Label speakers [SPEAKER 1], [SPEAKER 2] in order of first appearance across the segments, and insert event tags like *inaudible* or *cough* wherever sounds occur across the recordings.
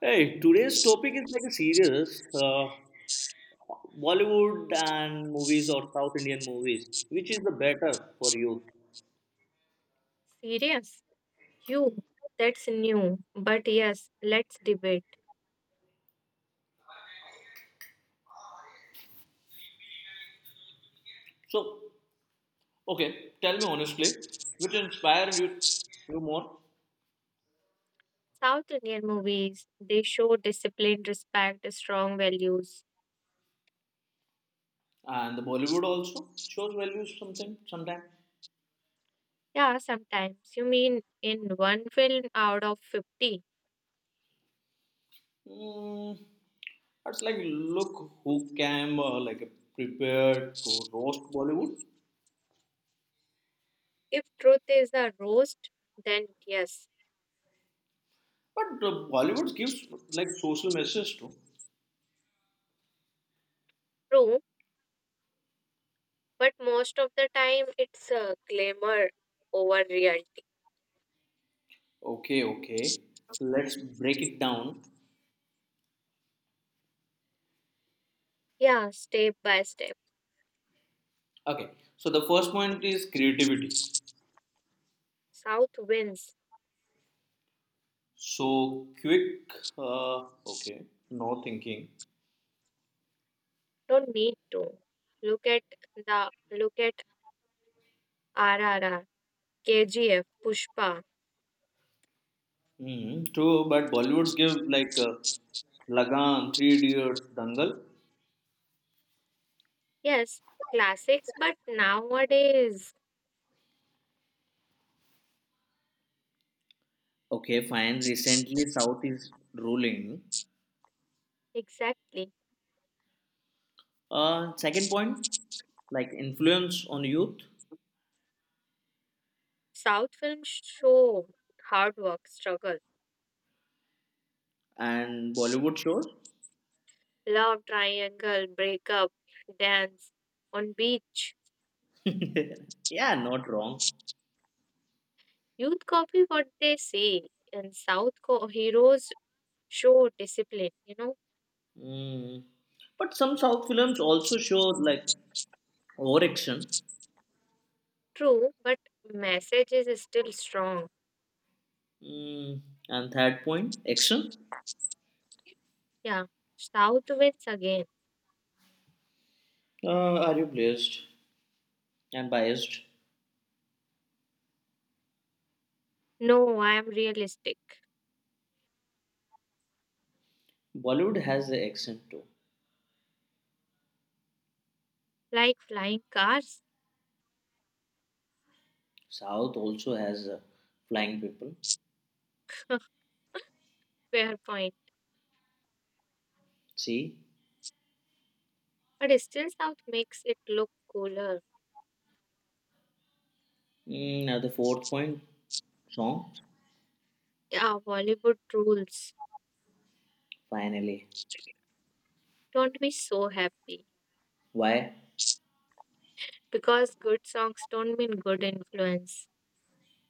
[SPEAKER 1] Hey, today's topic is like a serious Bollywood and movies or South Indian movies, which is the better for you?
[SPEAKER 2] Serious? You? That's new. But yes, let's debate.
[SPEAKER 1] So, okay, tell me honestly, which inspired you more?
[SPEAKER 2] South Indian movies, they show discipline, respect, strong values.
[SPEAKER 1] And the Bollywood also shows values something sometime.
[SPEAKER 2] Yeah, sometimes. You mean in one film out of 50?
[SPEAKER 1] Mm, it's like look who came like prepared to roast Bollywood,
[SPEAKER 2] If truth is a roast, then yes,
[SPEAKER 1] but the Bollywood gives like social message too.
[SPEAKER 2] true. But most of the time, it's a glamour over reality.
[SPEAKER 1] Okay, okay, let's break it down.
[SPEAKER 2] Yeah, step by step.
[SPEAKER 1] Okay, so the first point is creativity.
[SPEAKER 2] South wins.
[SPEAKER 1] So quick, uh, okay, no thinking.
[SPEAKER 2] Don't need to. Look at the look at RRR, KGF, Pushpa.
[SPEAKER 1] True, but Bollywoods give like Lagan, Three Idiots, Dangal.
[SPEAKER 2] Yes, classics, but nowadays,
[SPEAKER 1] Okay, fine. Recently, South is ruling.
[SPEAKER 2] exactly.
[SPEAKER 1] Second point, like influence on youth
[SPEAKER 2] South films show hard work, struggle,
[SPEAKER 1] and Bollywood shows.
[SPEAKER 2] love triangle, breakup, dance on beach.
[SPEAKER 1] *laughs* Yeah, not wrong.
[SPEAKER 2] Youth copy what they see, and heroes show discipline, you know.
[SPEAKER 1] Mm. But some South films also show like overreaction
[SPEAKER 2] True, but message is still strong.
[SPEAKER 1] Mm, and third point, action.
[SPEAKER 2] Yeah, South wins again.
[SPEAKER 1] Are you biased and biased?
[SPEAKER 2] No, I am realistic.
[SPEAKER 1] Bollywood has the accent too.
[SPEAKER 2] Like flying cars?
[SPEAKER 1] South also has flying people.
[SPEAKER 2] Fair point.
[SPEAKER 1] See.
[SPEAKER 2] But still, South makes it look cooler.
[SPEAKER 1] Now the fourth point, songs.
[SPEAKER 2] Yeah, Bollywood rules.
[SPEAKER 1] Finally,
[SPEAKER 2] Don't be so happy
[SPEAKER 1] why?
[SPEAKER 2] because good songs don't mean good influence.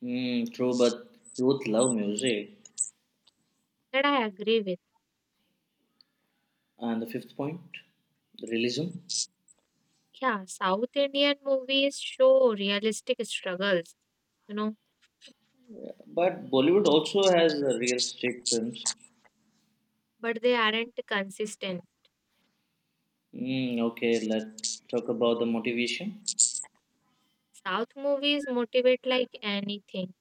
[SPEAKER 1] True, but youth love music.
[SPEAKER 2] That I agree with.
[SPEAKER 1] And the fifth point, realism.
[SPEAKER 2] Yeah, South Indian movies show realistic struggles, you know,
[SPEAKER 1] But Bollywood also has real strict films.
[SPEAKER 2] but they aren't consistent.
[SPEAKER 1] Okay, let's talk about the motivation.
[SPEAKER 2] South movies motivate like anything.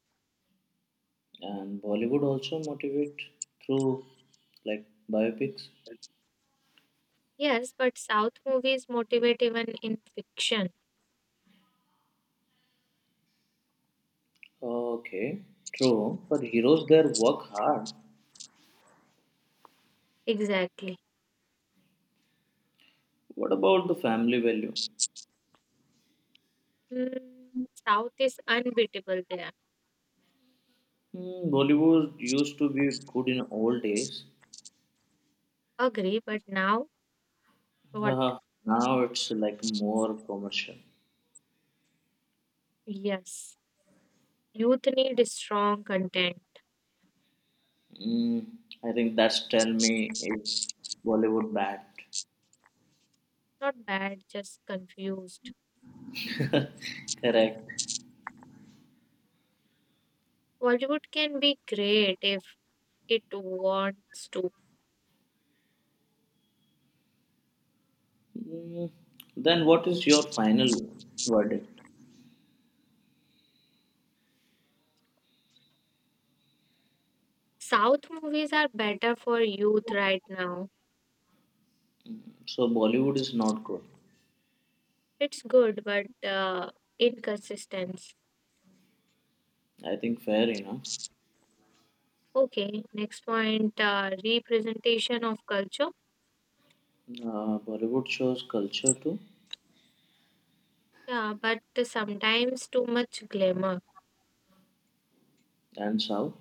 [SPEAKER 1] And Bollywood also motivate through like biopics.
[SPEAKER 2] Yes, but South movies motivate even in fiction.
[SPEAKER 1] Okay, true. But heroes there work hard.
[SPEAKER 2] Exactly.
[SPEAKER 1] What about the family value?
[SPEAKER 2] Hmm, South is unbeatable there.
[SPEAKER 1] Bollywood used to be good in old days.
[SPEAKER 2] Agree, but now what?
[SPEAKER 1] Uh, Now it's like more commercial.
[SPEAKER 2] Yes. Youth need strong content,
[SPEAKER 1] Mm, I think that's tell me if Bollywood bad.
[SPEAKER 2] not bad, just confused.
[SPEAKER 1] *laughs* Correct.
[SPEAKER 2] Bollywood can be great if it wants to.
[SPEAKER 1] Mm, then what is your final verdict?
[SPEAKER 2] South movies are better for youth right now.
[SPEAKER 1] So Bollywood is not good.
[SPEAKER 2] It's good, but inconsistent.
[SPEAKER 1] I think fair enough.
[SPEAKER 2] Okay, next point representation of culture.
[SPEAKER 1] Bollywood shows culture too,
[SPEAKER 2] Yeah, but sometimes too much glamour.
[SPEAKER 1] and South.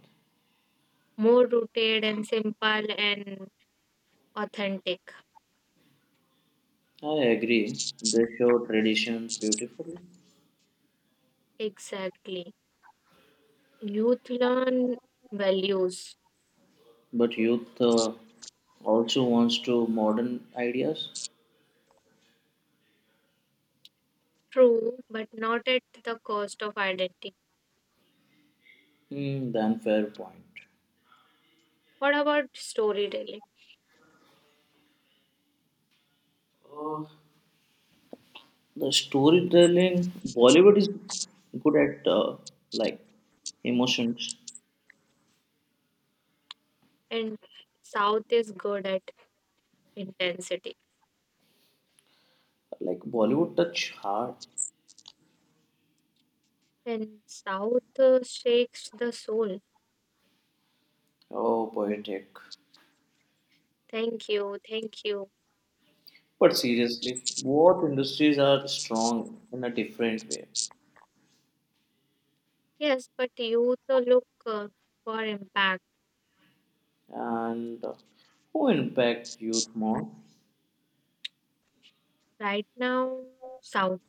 [SPEAKER 2] More rooted and simple and authentic.
[SPEAKER 1] I agree. They show traditions beautifully,
[SPEAKER 2] Exactly. Youth learn values.
[SPEAKER 1] but youth also wants to modern ideas.
[SPEAKER 2] True, but not at the cost of identity.
[SPEAKER 1] Then fair point.
[SPEAKER 2] What about storytelling?
[SPEAKER 1] The storytelling Bollywood is good at like emotions.
[SPEAKER 2] And South is good at intensity.
[SPEAKER 1] Like Bollywood touch heart.
[SPEAKER 2] And South shakes the soul.
[SPEAKER 1] Oh, poetic.
[SPEAKER 2] Thank you, thank you.
[SPEAKER 1] But seriously, both industries are strong in a different way.
[SPEAKER 2] Yes, but youth look for impact.
[SPEAKER 1] And who impact youth more
[SPEAKER 2] Right now, South,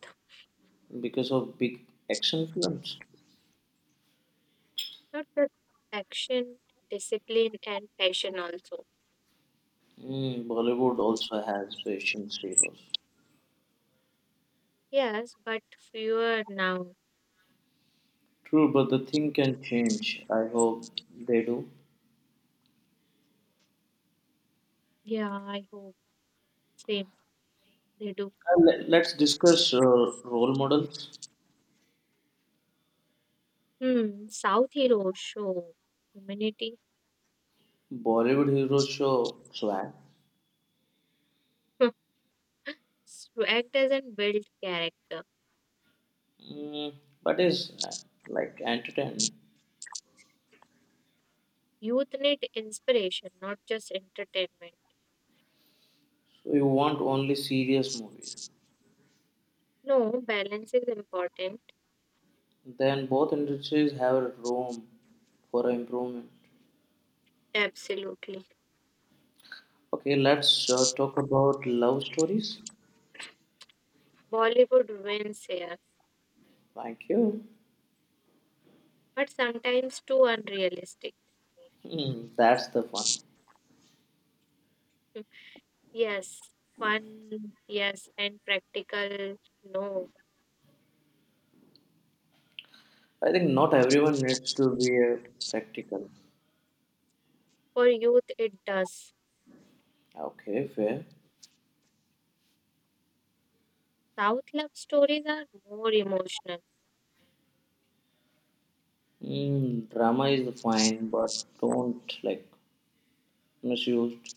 [SPEAKER 1] because of big action films?
[SPEAKER 2] not just action, discipline, and passion also.
[SPEAKER 1] Bollywood also has patience heroes.
[SPEAKER 2] Yes, but fewer now.
[SPEAKER 1] True, but the thing can change. I hope they do.
[SPEAKER 2] Yeah, I hope same. They do.
[SPEAKER 1] Let's discuss role models.
[SPEAKER 2] Hmm, South heroes show humanity.
[SPEAKER 1] Bollywood heroes show swag,
[SPEAKER 2] Purpose to act as and build character.
[SPEAKER 1] mm, but is like entertainment.
[SPEAKER 2] Youth need inspiration, not just entertainment.
[SPEAKER 1] So you want only serious movies.
[SPEAKER 2] No, balance is important.
[SPEAKER 1] Then both industries have room for improvement.
[SPEAKER 2] Absolutely.
[SPEAKER 1] Okay, let's talk about love stories.
[SPEAKER 2] Bollywood wins here,
[SPEAKER 1] Thank you.
[SPEAKER 2] but sometimes too unrealistic.
[SPEAKER 1] That's the fun.
[SPEAKER 2] *laughs* Yes, fun, yes, and practical, no.
[SPEAKER 1] I think not everyone needs to be a practical.
[SPEAKER 2] For youth, it does.
[SPEAKER 1] Okay, fair.
[SPEAKER 2] South love stories are more emotional.
[SPEAKER 1] Drama is fine, but don't like misused.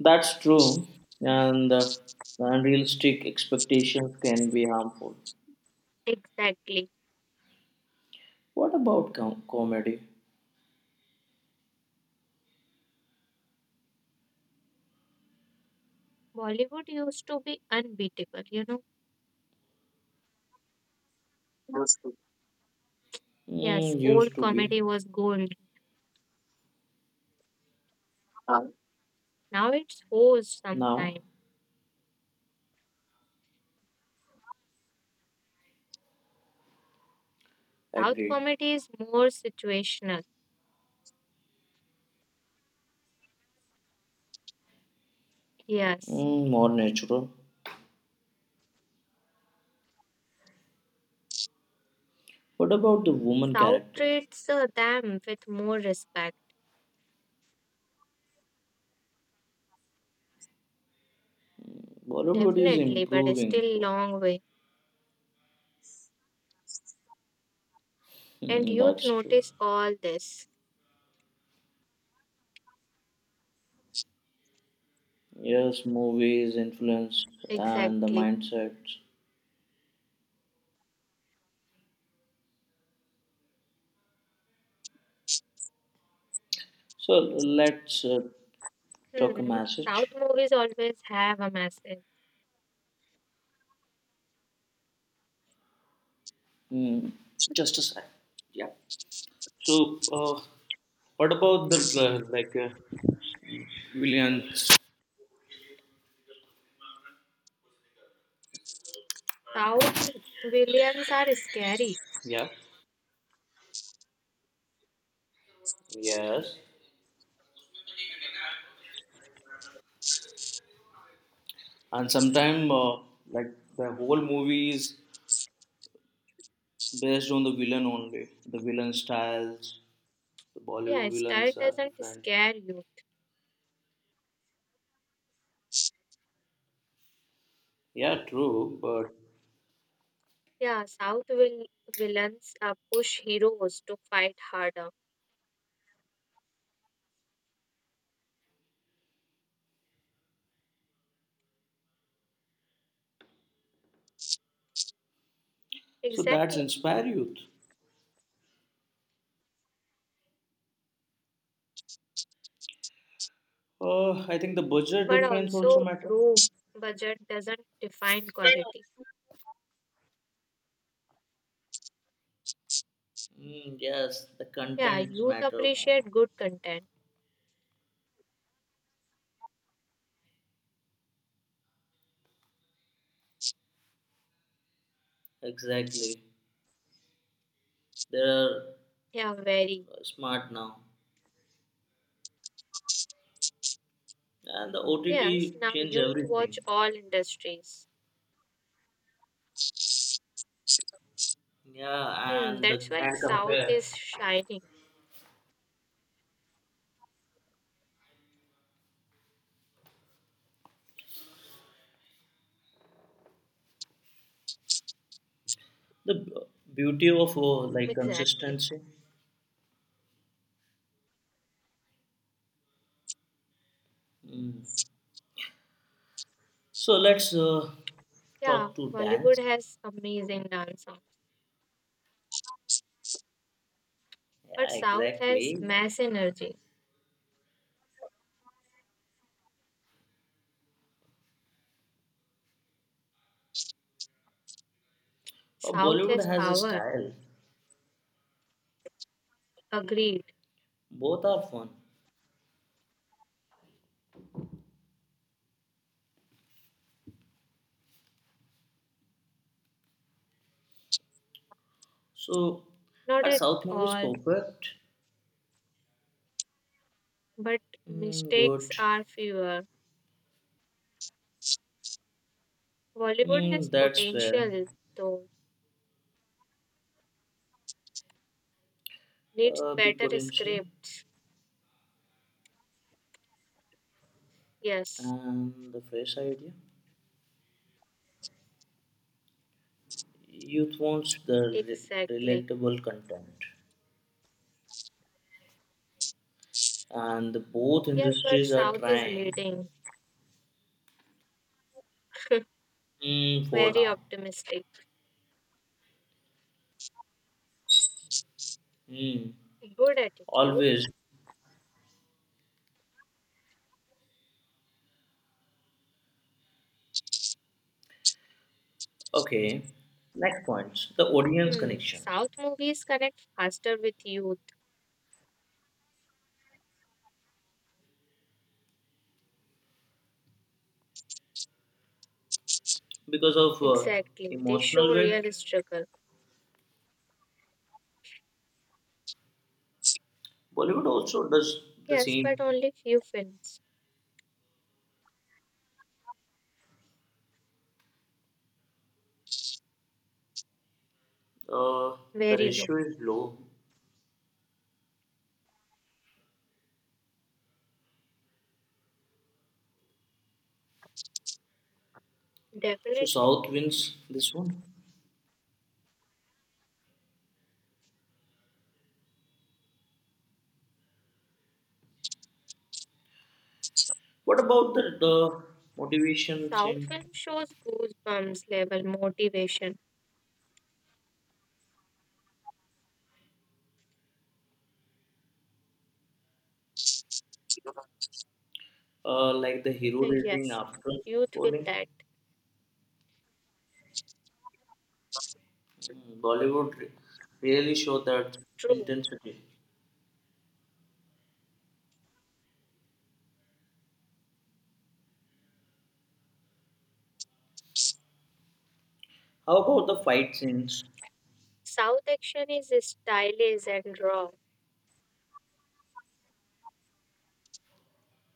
[SPEAKER 1] That's true, and unrealistic expectations can be harmful.
[SPEAKER 2] Exactly.
[SPEAKER 1] What about comedy?
[SPEAKER 2] Bollywood used to be unbeatable, you know. Yes,
[SPEAKER 1] Used
[SPEAKER 2] old
[SPEAKER 1] to be.
[SPEAKER 2] comedy was gold. Now it's forced
[SPEAKER 1] Now,
[SPEAKER 2] sometimes. South
[SPEAKER 1] agree.
[SPEAKER 2] comedy is more situational. Yes.
[SPEAKER 1] More natural. What about the woman
[SPEAKER 2] South
[SPEAKER 1] characters?
[SPEAKER 2] treats them with more respect,
[SPEAKER 1] Bollywood is
[SPEAKER 2] definitely, but it's
[SPEAKER 1] improving,
[SPEAKER 2] still
[SPEAKER 1] though.
[SPEAKER 2] long way. And youth
[SPEAKER 1] That's true.
[SPEAKER 2] notice all this.
[SPEAKER 1] Yes, movies, influence, and the
[SPEAKER 2] Exactly.
[SPEAKER 1] mindsets. So let's talk a
[SPEAKER 2] Hmm. South
[SPEAKER 1] message.
[SPEAKER 2] movies always have a message.
[SPEAKER 1] Hmm, just a sec. Yeah. So, what about the like villains?
[SPEAKER 2] South villains are scary.
[SPEAKER 1] Yeah. Yes. And sometimes, like the whole movie is based on the villain only. The villain styles, the
[SPEAKER 2] Yeah,
[SPEAKER 1] Bollywood
[SPEAKER 2] style
[SPEAKER 1] villains are
[SPEAKER 2] doesn't
[SPEAKER 1] different.
[SPEAKER 2] scare you.
[SPEAKER 1] Yeah, true, but
[SPEAKER 2] Yeah, South will villains push heroes to fight harder.
[SPEAKER 1] so that's
[SPEAKER 2] Exactly.
[SPEAKER 1] inspire youth. I think the budget
[SPEAKER 2] But
[SPEAKER 1] difference also
[SPEAKER 2] also
[SPEAKER 1] matter.
[SPEAKER 2] prove budget doesn't define quality.
[SPEAKER 1] Yes, the
[SPEAKER 2] Yeah,
[SPEAKER 1] contents
[SPEAKER 2] youth
[SPEAKER 1] matter more.
[SPEAKER 2] appreciate good content.
[SPEAKER 1] Exactly. They are
[SPEAKER 2] Yeah, very.
[SPEAKER 1] smart now. And the
[SPEAKER 2] Yes,
[SPEAKER 1] OTT
[SPEAKER 2] now
[SPEAKER 1] change
[SPEAKER 2] youth watch
[SPEAKER 1] everything.
[SPEAKER 2] all industries.
[SPEAKER 1] Yeah,
[SPEAKER 2] Hmm,
[SPEAKER 1] and the
[SPEAKER 2] that's why
[SPEAKER 1] and
[SPEAKER 2] South
[SPEAKER 1] compare
[SPEAKER 2] is shining.
[SPEAKER 1] the beauty of like
[SPEAKER 2] Exactly.
[SPEAKER 1] consistency. Mm. So let's
[SPEAKER 2] Yeah,
[SPEAKER 1] talk to dance.
[SPEAKER 2] Bollywood has amazing dance songs, but
[SPEAKER 1] Yeah,
[SPEAKER 2] South has
[SPEAKER 1] exactly.
[SPEAKER 2] mass energy. South
[SPEAKER 1] Bollywood
[SPEAKER 2] has
[SPEAKER 1] has a
[SPEAKER 2] power.
[SPEAKER 1] style.
[SPEAKER 2] Agreed.
[SPEAKER 1] Both are fun. So,
[SPEAKER 2] Not
[SPEAKER 1] are
[SPEAKER 2] at
[SPEAKER 1] South movies
[SPEAKER 2] all,
[SPEAKER 1] perfect?
[SPEAKER 2] but
[SPEAKER 1] Mm,
[SPEAKER 2] mistakes
[SPEAKER 1] good.
[SPEAKER 2] are fewer. Bollywood has
[SPEAKER 1] That's where
[SPEAKER 2] potential, though needs
[SPEAKER 1] big
[SPEAKER 2] better
[SPEAKER 1] potential
[SPEAKER 2] script. Yes,
[SPEAKER 1] and the fresh idea. Youth wants the
[SPEAKER 2] exactly.
[SPEAKER 1] relatable content, and the both
[SPEAKER 2] Yes, but
[SPEAKER 1] industries are
[SPEAKER 2] South is
[SPEAKER 1] trying
[SPEAKER 2] leading.
[SPEAKER 1] for
[SPEAKER 2] Very
[SPEAKER 1] now.
[SPEAKER 2] optimistic.
[SPEAKER 1] Mm,
[SPEAKER 2] Good attitude.
[SPEAKER 1] Always okay. Next points: the audience
[SPEAKER 2] Hmm.
[SPEAKER 1] connections
[SPEAKER 2] South movies connect faster with youth.
[SPEAKER 1] because of
[SPEAKER 2] Exactly. They show
[SPEAKER 1] emotional weight.
[SPEAKER 2] real struggle.
[SPEAKER 1] Bollywood also does the
[SPEAKER 2] Yes, but
[SPEAKER 1] same.
[SPEAKER 2] only few films.
[SPEAKER 1] Uh, the
[SPEAKER 2] Very low.
[SPEAKER 1] ratio is low So
[SPEAKER 2] Definitely.
[SPEAKER 1] South wins this one. What about the motivation
[SPEAKER 2] South
[SPEAKER 1] scenes,
[SPEAKER 2] film shows goosebumps level motivation.
[SPEAKER 1] like the
[SPEAKER 2] *laughs*
[SPEAKER 1] hero raising
[SPEAKER 2] Yes,
[SPEAKER 1] after
[SPEAKER 2] youth will
[SPEAKER 1] falling?
[SPEAKER 2] that.
[SPEAKER 1] Bollywood really show that
[SPEAKER 2] True.
[SPEAKER 1] intensity. How about the fight scenes
[SPEAKER 2] South action is stylish and raw,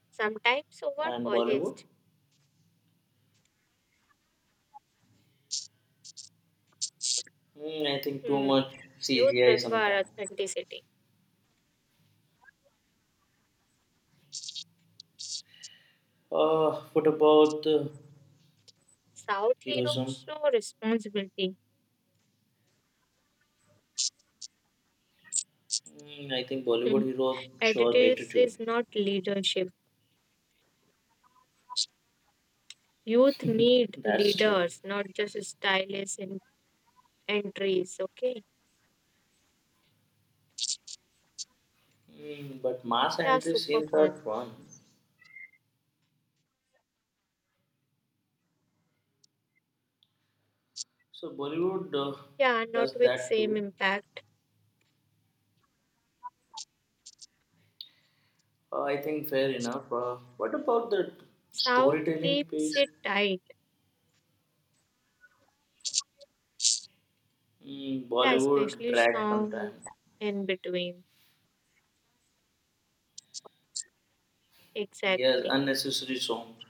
[SPEAKER 2] sometimes over
[SPEAKER 1] and Bollywood?
[SPEAKER 2] polished.
[SPEAKER 1] I think too
[SPEAKER 2] Hmm.
[SPEAKER 1] much
[SPEAKER 2] Youth
[SPEAKER 1] CGI
[SPEAKER 2] prefer
[SPEAKER 1] sometimes.
[SPEAKER 2] authenticity.
[SPEAKER 1] What about the
[SPEAKER 2] South heroes
[SPEAKER 1] heroism?
[SPEAKER 2] show responsibility.
[SPEAKER 1] I think
[SPEAKER 2] Hmm.
[SPEAKER 1] Bollywood heroes show
[SPEAKER 2] Attitudes
[SPEAKER 1] attitude.
[SPEAKER 2] is not leadership. Youth need
[SPEAKER 1] That's true.
[SPEAKER 2] leaders, not just stylists and entries. Okay.
[SPEAKER 1] But mass
[SPEAKER 2] Yeah,
[SPEAKER 1] entry
[SPEAKER 2] super
[SPEAKER 1] scenes are
[SPEAKER 2] fun.
[SPEAKER 1] fun. So Bollywood
[SPEAKER 2] Yeah, not
[SPEAKER 1] does
[SPEAKER 2] with
[SPEAKER 1] that
[SPEAKER 2] same
[SPEAKER 1] too.
[SPEAKER 2] impact.
[SPEAKER 1] I think fair enough. What about the
[SPEAKER 2] South
[SPEAKER 1] storytelling
[SPEAKER 2] keeps
[SPEAKER 1] piece?
[SPEAKER 2] it tight. Yeah,
[SPEAKER 1] Bollywood
[SPEAKER 2] especially
[SPEAKER 1] drags
[SPEAKER 2] song
[SPEAKER 1] sometimes.
[SPEAKER 2] in between.
[SPEAKER 1] Yes,
[SPEAKER 2] Exactly.
[SPEAKER 1] unnecessary songs.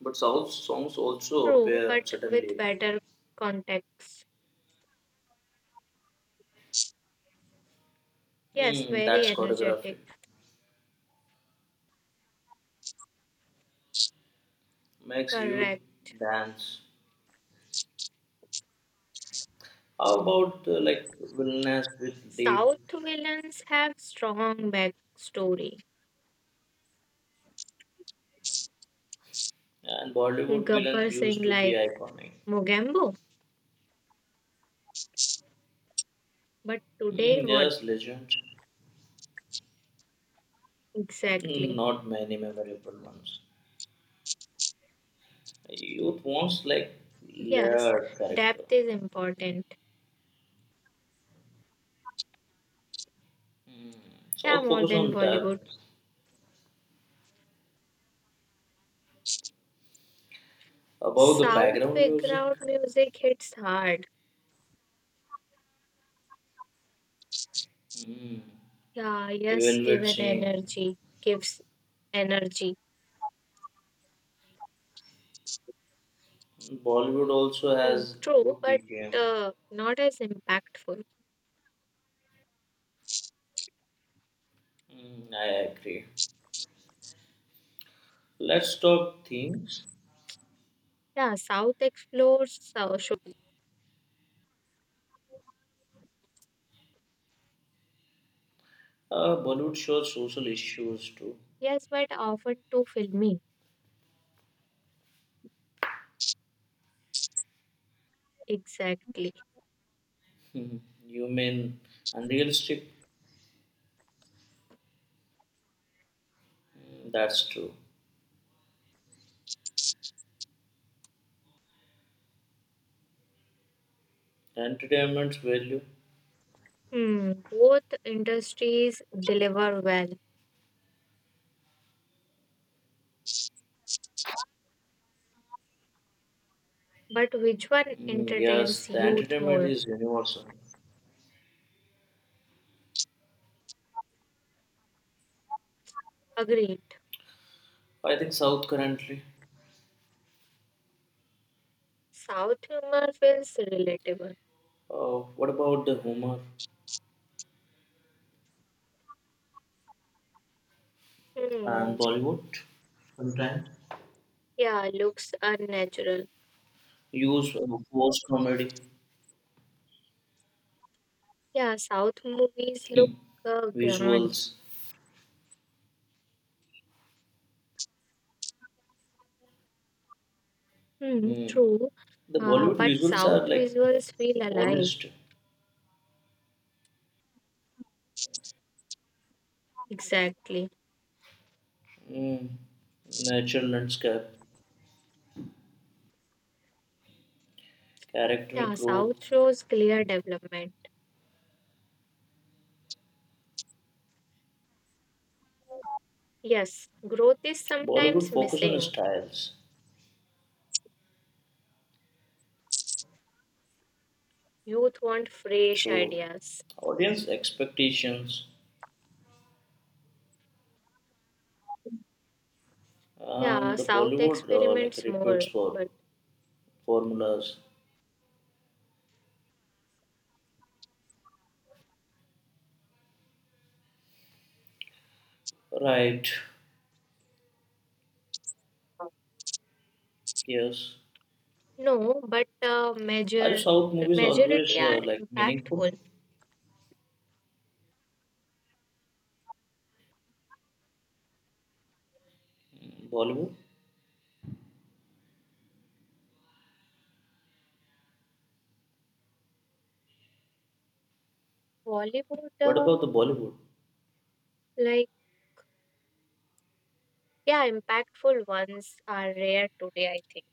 [SPEAKER 1] But South songs also
[SPEAKER 2] True,
[SPEAKER 1] appear
[SPEAKER 2] but with
[SPEAKER 1] suddenly.
[SPEAKER 2] better context. Yes, very
[SPEAKER 1] That's choreography.
[SPEAKER 2] energetic.
[SPEAKER 1] Makes you
[SPEAKER 2] Correct.
[SPEAKER 1] dance. How about like villainess with deep
[SPEAKER 2] South villains have strong backstory.
[SPEAKER 1] and Bollywood villains
[SPEAKER 2] Gabbar
[SPEAKER 1] used
[SPEAKER 2] Singh
[SPEAKER 1] to be
[SPEAKER 2] like
[SPEAKER 1] iconic.
[SPEAKER 2] Mogambo. But today what
[SPEAKER 1] Yes, legends.
[SPEAKER 2] exactly?
[SPEAKER 1] Not many memorable ones. Youth wants like
[SPEAKER 2] Yes,
[SPEAKER 1] layered character.
[SPEAKER 2] depth is important.
[SPEAKER 1] Mm.
[SPEAKER 2] Yeah,
[SPEAKER 1] South
[SPEAKER 2] more
[SPEAKER 1] focus
[SPEAKER 2] than
[SPEAKER 1] on depth,
[SPEAKER 2] Bollywood.
[SPEAKER 1] above the
[SPEAKER 2] South
[SPEAKER 1] background music,
[SPEAKER 2] background music hits hard.
[SPEAKER 1] mm.
[SPEAKER 2] Yeah, yes,
[SPEAKER 1] Evaluate
[SPEAKER 2] given
[SPEAKER 1] change.
[SPEAKER 2] energy. Gives energy.
[SPEAKER 1] Bollywood also
[SPEAKER 2] Hmm,
[SPEAKER 1] has
[SPEAKER 2] true,
[SPEAKER 1] good
[SPEAKER 2] but
[SPEAKER 1] BGM.
[SPEAKER 2] not as impactful.
[SPEAKER 1] I agree. Let's talk themes.
[SPEAKER 2] Yeah, South explores so, should-
[SPEAKER 1] Bollywood shows social issues too.
[SPEAKER 2] Yes, but often too filmy. Exactly.
[SPEAKER 1] Mhm. Human, unrealistic. That's true. Entertainment's value.
[SPEAKER 2] Hmm, both industries deliver well, but which one
[SPEAKER 1] Yes,
[SPEAKER 2] entertains
[SPEAKER 1] the
[SPEAKER 2] youth
[SPEAKER 1] entertainment
[SPEAKER 2] more?
[SPEAKER 1] is universal.
[SPEAKER 2] Agreed.
[SPEAKER 1] I think South currently.
[SPEAKER 2] South humor feels relatable.
[SPEAKER 1] What about the humor and
[SPEAKER 2] Hmm,
[SPEAKER 1] Bollywood? Sometimes
[SPEAKER 2] yeah, looks unnatural.
[SPEAKER 1] use forced comedy
[SPEAKER 2] Yeah, South movies look
[SPEAKER 1] hmm,
[SPEAKER 2] grand.
[SPEAKER 1] visuals.
[SPEAKER 2] Hmm,
[SPEAKER 1] Hmm.
[SPEAKER 2] true.
[SPEAKER 1] The Bollywood
[SPEAKER 2] But
[SPEAKER 1] visuals
[SPEAKER 2] South
[SPEAKER 1] are like
[SPEAKER 2] visuals feel alive.
[SPEAKER 1] polished,
[SPEAKER 2] Exactly.
[SPEAKER 1] hmm, natural landscape, character
[SPEAKER 2] Yeah, South
[SPEAKER 1] growth.
[SPEAKER 2] shows clear development. Yes, growth is
[SPEAKER 1] Bollywood
[SPEAKER 2] sometimes
[SPEAKER 1] focus on
[SPEAKER 2] missing.
[SPEAKER 1] styles
[SPEAKER 2] Youth want fresh
[SPEAKER 1] through
[SPEAKER 2] ideas.
[SPEAKER 1] audience expectations,
[SPEAKER 2] Yeah,
[SPEAKER 1] and the
[SPEAKER 2] South
[SPEAKER 1] Bollywood like
[SPEAKER 2] experiments
[SPEAKER 1] repeats
[SPEAKER 2] more,
[SPEAKER 1] for
[SPEAKER 2] but
[SPEAKER 1] formulas. Right?
[SPEAKER 2] uh,
[SPEAKER 1] Yes.
[SPEAKER 2] no, but
[SPEAKER 1] Are
[SPEAKER 2] major
[SPEAKER 1] South movies always
[SPEAKER 2] majority are
[SPEAKER 1] like meaningful?
[SPEAKER 2] impactful.
[SPEAKER 1] Bollywood?
[SPEAKER 2] Bollywood,
[SPEAKER 1] What about the Bollywood?
[SPEAKER 2] like yeah, impactful ones are rare today. I think.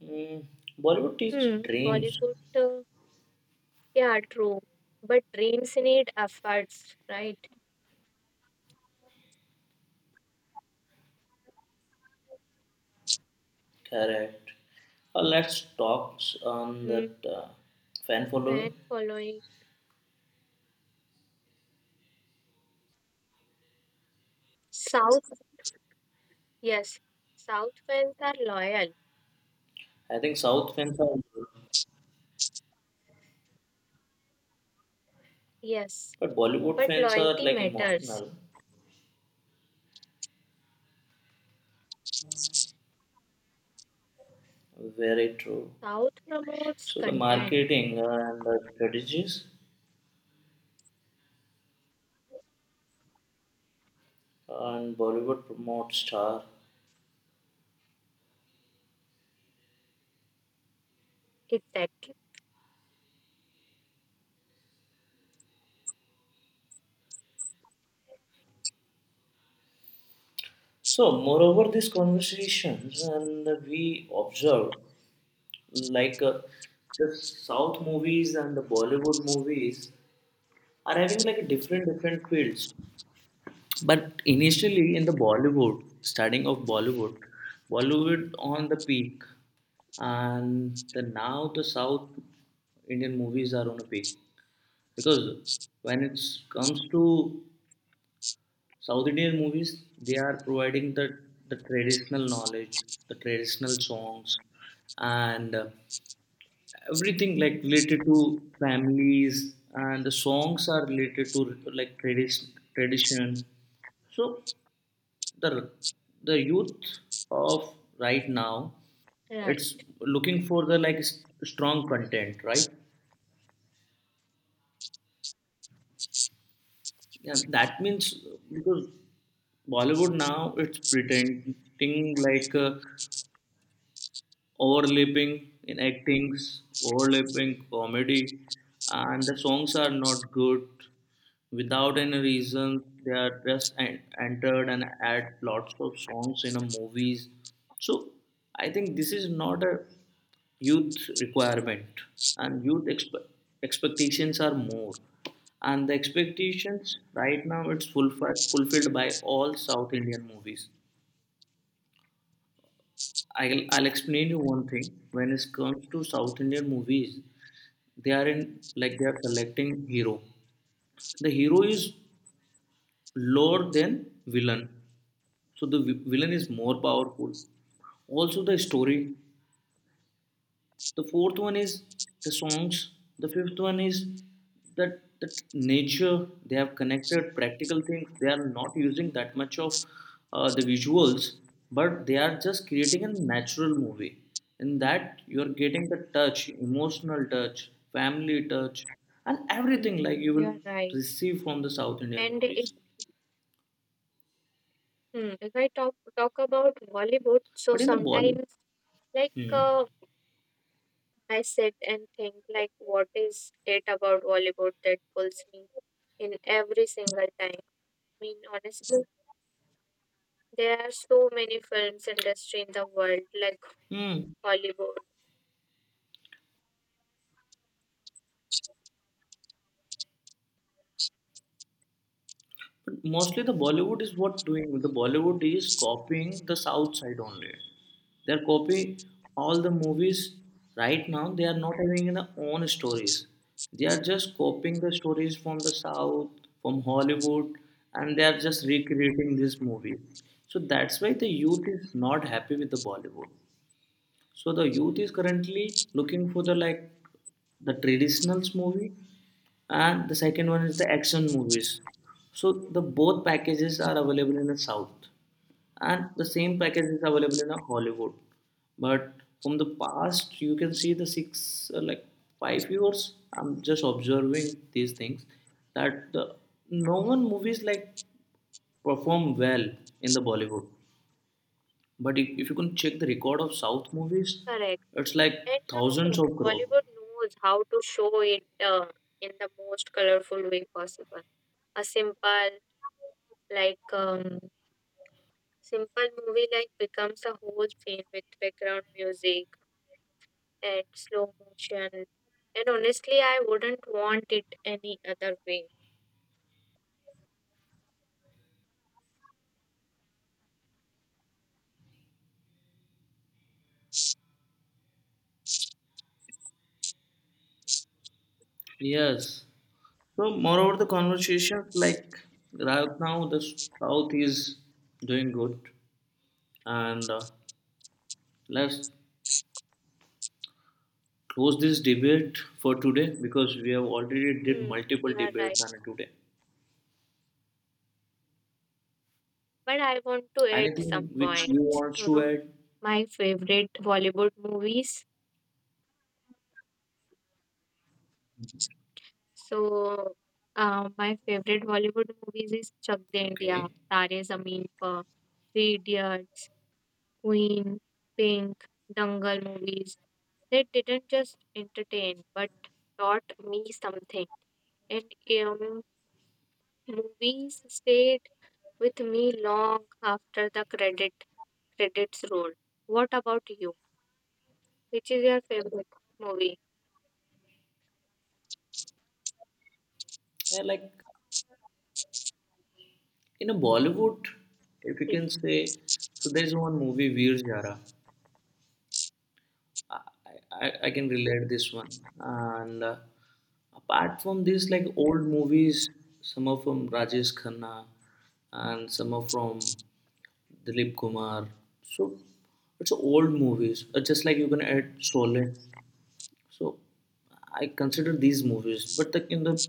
[SPEAKER 1] Mm, Bollywood is
[SPEAKER 2] Hmm.
[SPEAKER 1] dreams,
[SPEAKER 2] Bollywood, yeah, true, but dreams need efforts, right?
[SPEAKER 1] correct. Let's talk on that
[SPEAKER 2] Hmm.
[SPEAKER 1] fan following.
[SPEAKER 2] Fan following South, yes, South fans are loyal.
[SPEAKER 1] I think South fans are, good,
[SPEAKER 2] Yes,
[SPEAKER 1] but Bollywood
[SPEAKER 2] but
[SPEAKER 1] fans are
[SPEAKER 2] loyalty
[SPEAKER 1] like
[SPEAKER 2] matters.
[SPEAKER 1] emotional. Very true.
[SPEAKER 2] South promotes
[SPEAKER 1] So the
[SPEAKER 2] content.
[SPEAKER 1] marketing and the strategies and Bollywood promotes star.
[SPEAKER 2] Exactly.
[SPEAKER 1] So moreover, these conversations and we observe like the South movies and the Bollywood movies are having like different fields. But initially in the Bollywood, starting of Bollywood, Bollywood on the peak, and the now the South Indian movies are on a peak because when it comes to South Indian movies, they are providing the traditional knowledge, the traditional songs, and everything like related to families and the songs are related to like tradition so the the youth of right now it's
[SPEAKER 2] Right.
[SPEAKER 1] looking for the like strong content right and that means because Bollywood now it's pretending like overlapping in actings, overlapping comedy, and the songs are not good without any reason. They are just entered and add lots of songs in a movies. So I think this is not a youth requirement, and youth expectations are more. And the expectations right now it's full fulfilled by all South Indian movies. I'll explain you one thing. When it comes to South Indian movies, they are in like they are selecting hero. The hero is lower than villain, so the villain is more powerful. Also, the story the fourth one is the songs the fifth one is that the nature they have connected practical things they are not using that much of the visuals but they are just creating a natural movie in that you are getting the touch emotional touch family touch and everything
[SPEAKER 2] Hmm,
[SPEAKER 1] like you will
[SPEAKER 2] you're right.
[SPEAKER 1] receive from the South Indian
[SPEAKER 2] And
[SPEAKER 1] movies
[SPEAKER 2] it's, hmm, if I talk about Bollywood, so
[SPEAKER 1] but in the Bollywood
[SPEAKER 2] sometimes like
[SPEAKER 1] Hmm.
[SPEAKER 2] I sit and think like what is it about Bollywood that pulls me in every single time. I mean, honestly, there are so many films industry in the world like
[SPEAKER 1] Hmm.
[SPEAKER 2] Hollywood,
[SPEAKER 1] But mostly the Bollywood is what doing. The Bollywood is copying the South side only. They're copying all the movies right now. They are not having their own stories. They are just copying the stories from the South, from Hollywood, and they are just recreating these movies. So that's why the youth is not happy with the Bollywood. So the youth is currently looking for the like the traditionals movie and the second one is the action movies. So the both packages are available in the South and the same package is available in the Hollywood. But from the past you can see the six like 5 years I'm just observing these things that the no one movies like perform well in the Bollywood. But if you can check the record of South movies,
[SPEAKER 2] correct.
[SPEAKER 1] it's like
[SPEAKER 2] And you
[SPEAKER 1] thousands
[SPEAKER 2] know,
[SPEAKER 1] of crore.
[SPEAKER 2] Bollywood knows how to show it in the most colorful way possible. A simple like um, simple movie like becomes a whole scene with background music and slow motion. And honestly, I wouldn't want it any other way.
[SPEAKER 1] Yes. So moreover, the conversation like right now the South is doing good, and let's close this debate for today because we have already did
[SPEAKER 2] Hmm,
[SPEAKER 1] multiple
[SPEAKER 2] you are
[SPEAKER 1] debates
[SPEAKER 2] right.
[SPEAKER 1] on it today.
[SPEAKER 2] But I want to add
[SPEAKER 1] Anything
[SPEAKER 2] some
[SPEAKER 1] which you
[SPEAKER 2] points.
[SPEAKER 1] want
[SPEAKER 2] You
[SPEAKER 1] to
[SPEAKER 2] know,
[SPEAKER 1] add?
[SPEAKER 2] my favorite Bollywood movies. So, my favorite Bollywood movies is Chak De India,
[SPEAKER 1] Okay.
[SPEAKER 2] Tare Zameen Par, Three Idiots, Queen, Pink, Dangal movies. They didn't just entertain, but taught me something. And um, movies stayed with me long after the credits roll. What about you? Which is your favorite movie?
[SPEAKER 1] Yeah, like in a Bollywood, if you can say, so there's one movie Veer Jara. I, I can relate this one. And apart from this, like old movies, some are from Rajesh Khanna and some are from Dilip Kumar. So it's old movies. Just like you can add Sole. So I consider these movies, but like in the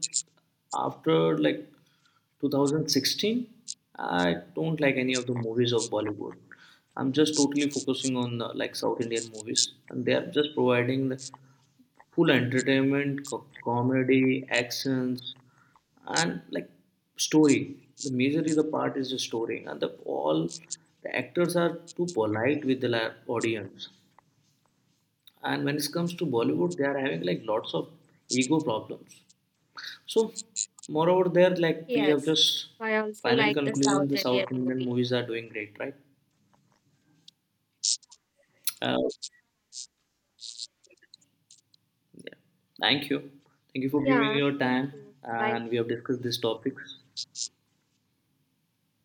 [SPEAKER 1] after like 2016, I don't like any of the movies of Bollywood. I'm just totally focusing on like South Indian movies, and they are just providing the full entertainment, comedy, actions, and like story. The majorly the part is the story, and the all the actors are too polite with the audience and when it comes to Bollywood they are having like lots of ego problems. So moreover there like we have
[SPEAKER 2] Yes,
[SPEAKER 1] just
[SPEAKER 2] I also
[SPEAKER 1] final
[SPEAKER 2] like the
[SPEAKER 1] conclusion,
[SPEAKER 2] South
[SPEAKER 1] the
[SPEAKER 2] Indian
[SPEAKER 1] South Indian
[SPEAKER 2] movie.
[SPEAKER 1] movies are doing great, right. uh, Thank you thank you for giving
[SPEAKER 2] Yeah,
[SPEAKER 1] your
[SPEAKER 2] thank
[SPEAKER 1] time,
[SPEAKER 2] you. Bye.
[SPEAKER 1] and we have discussed these topics.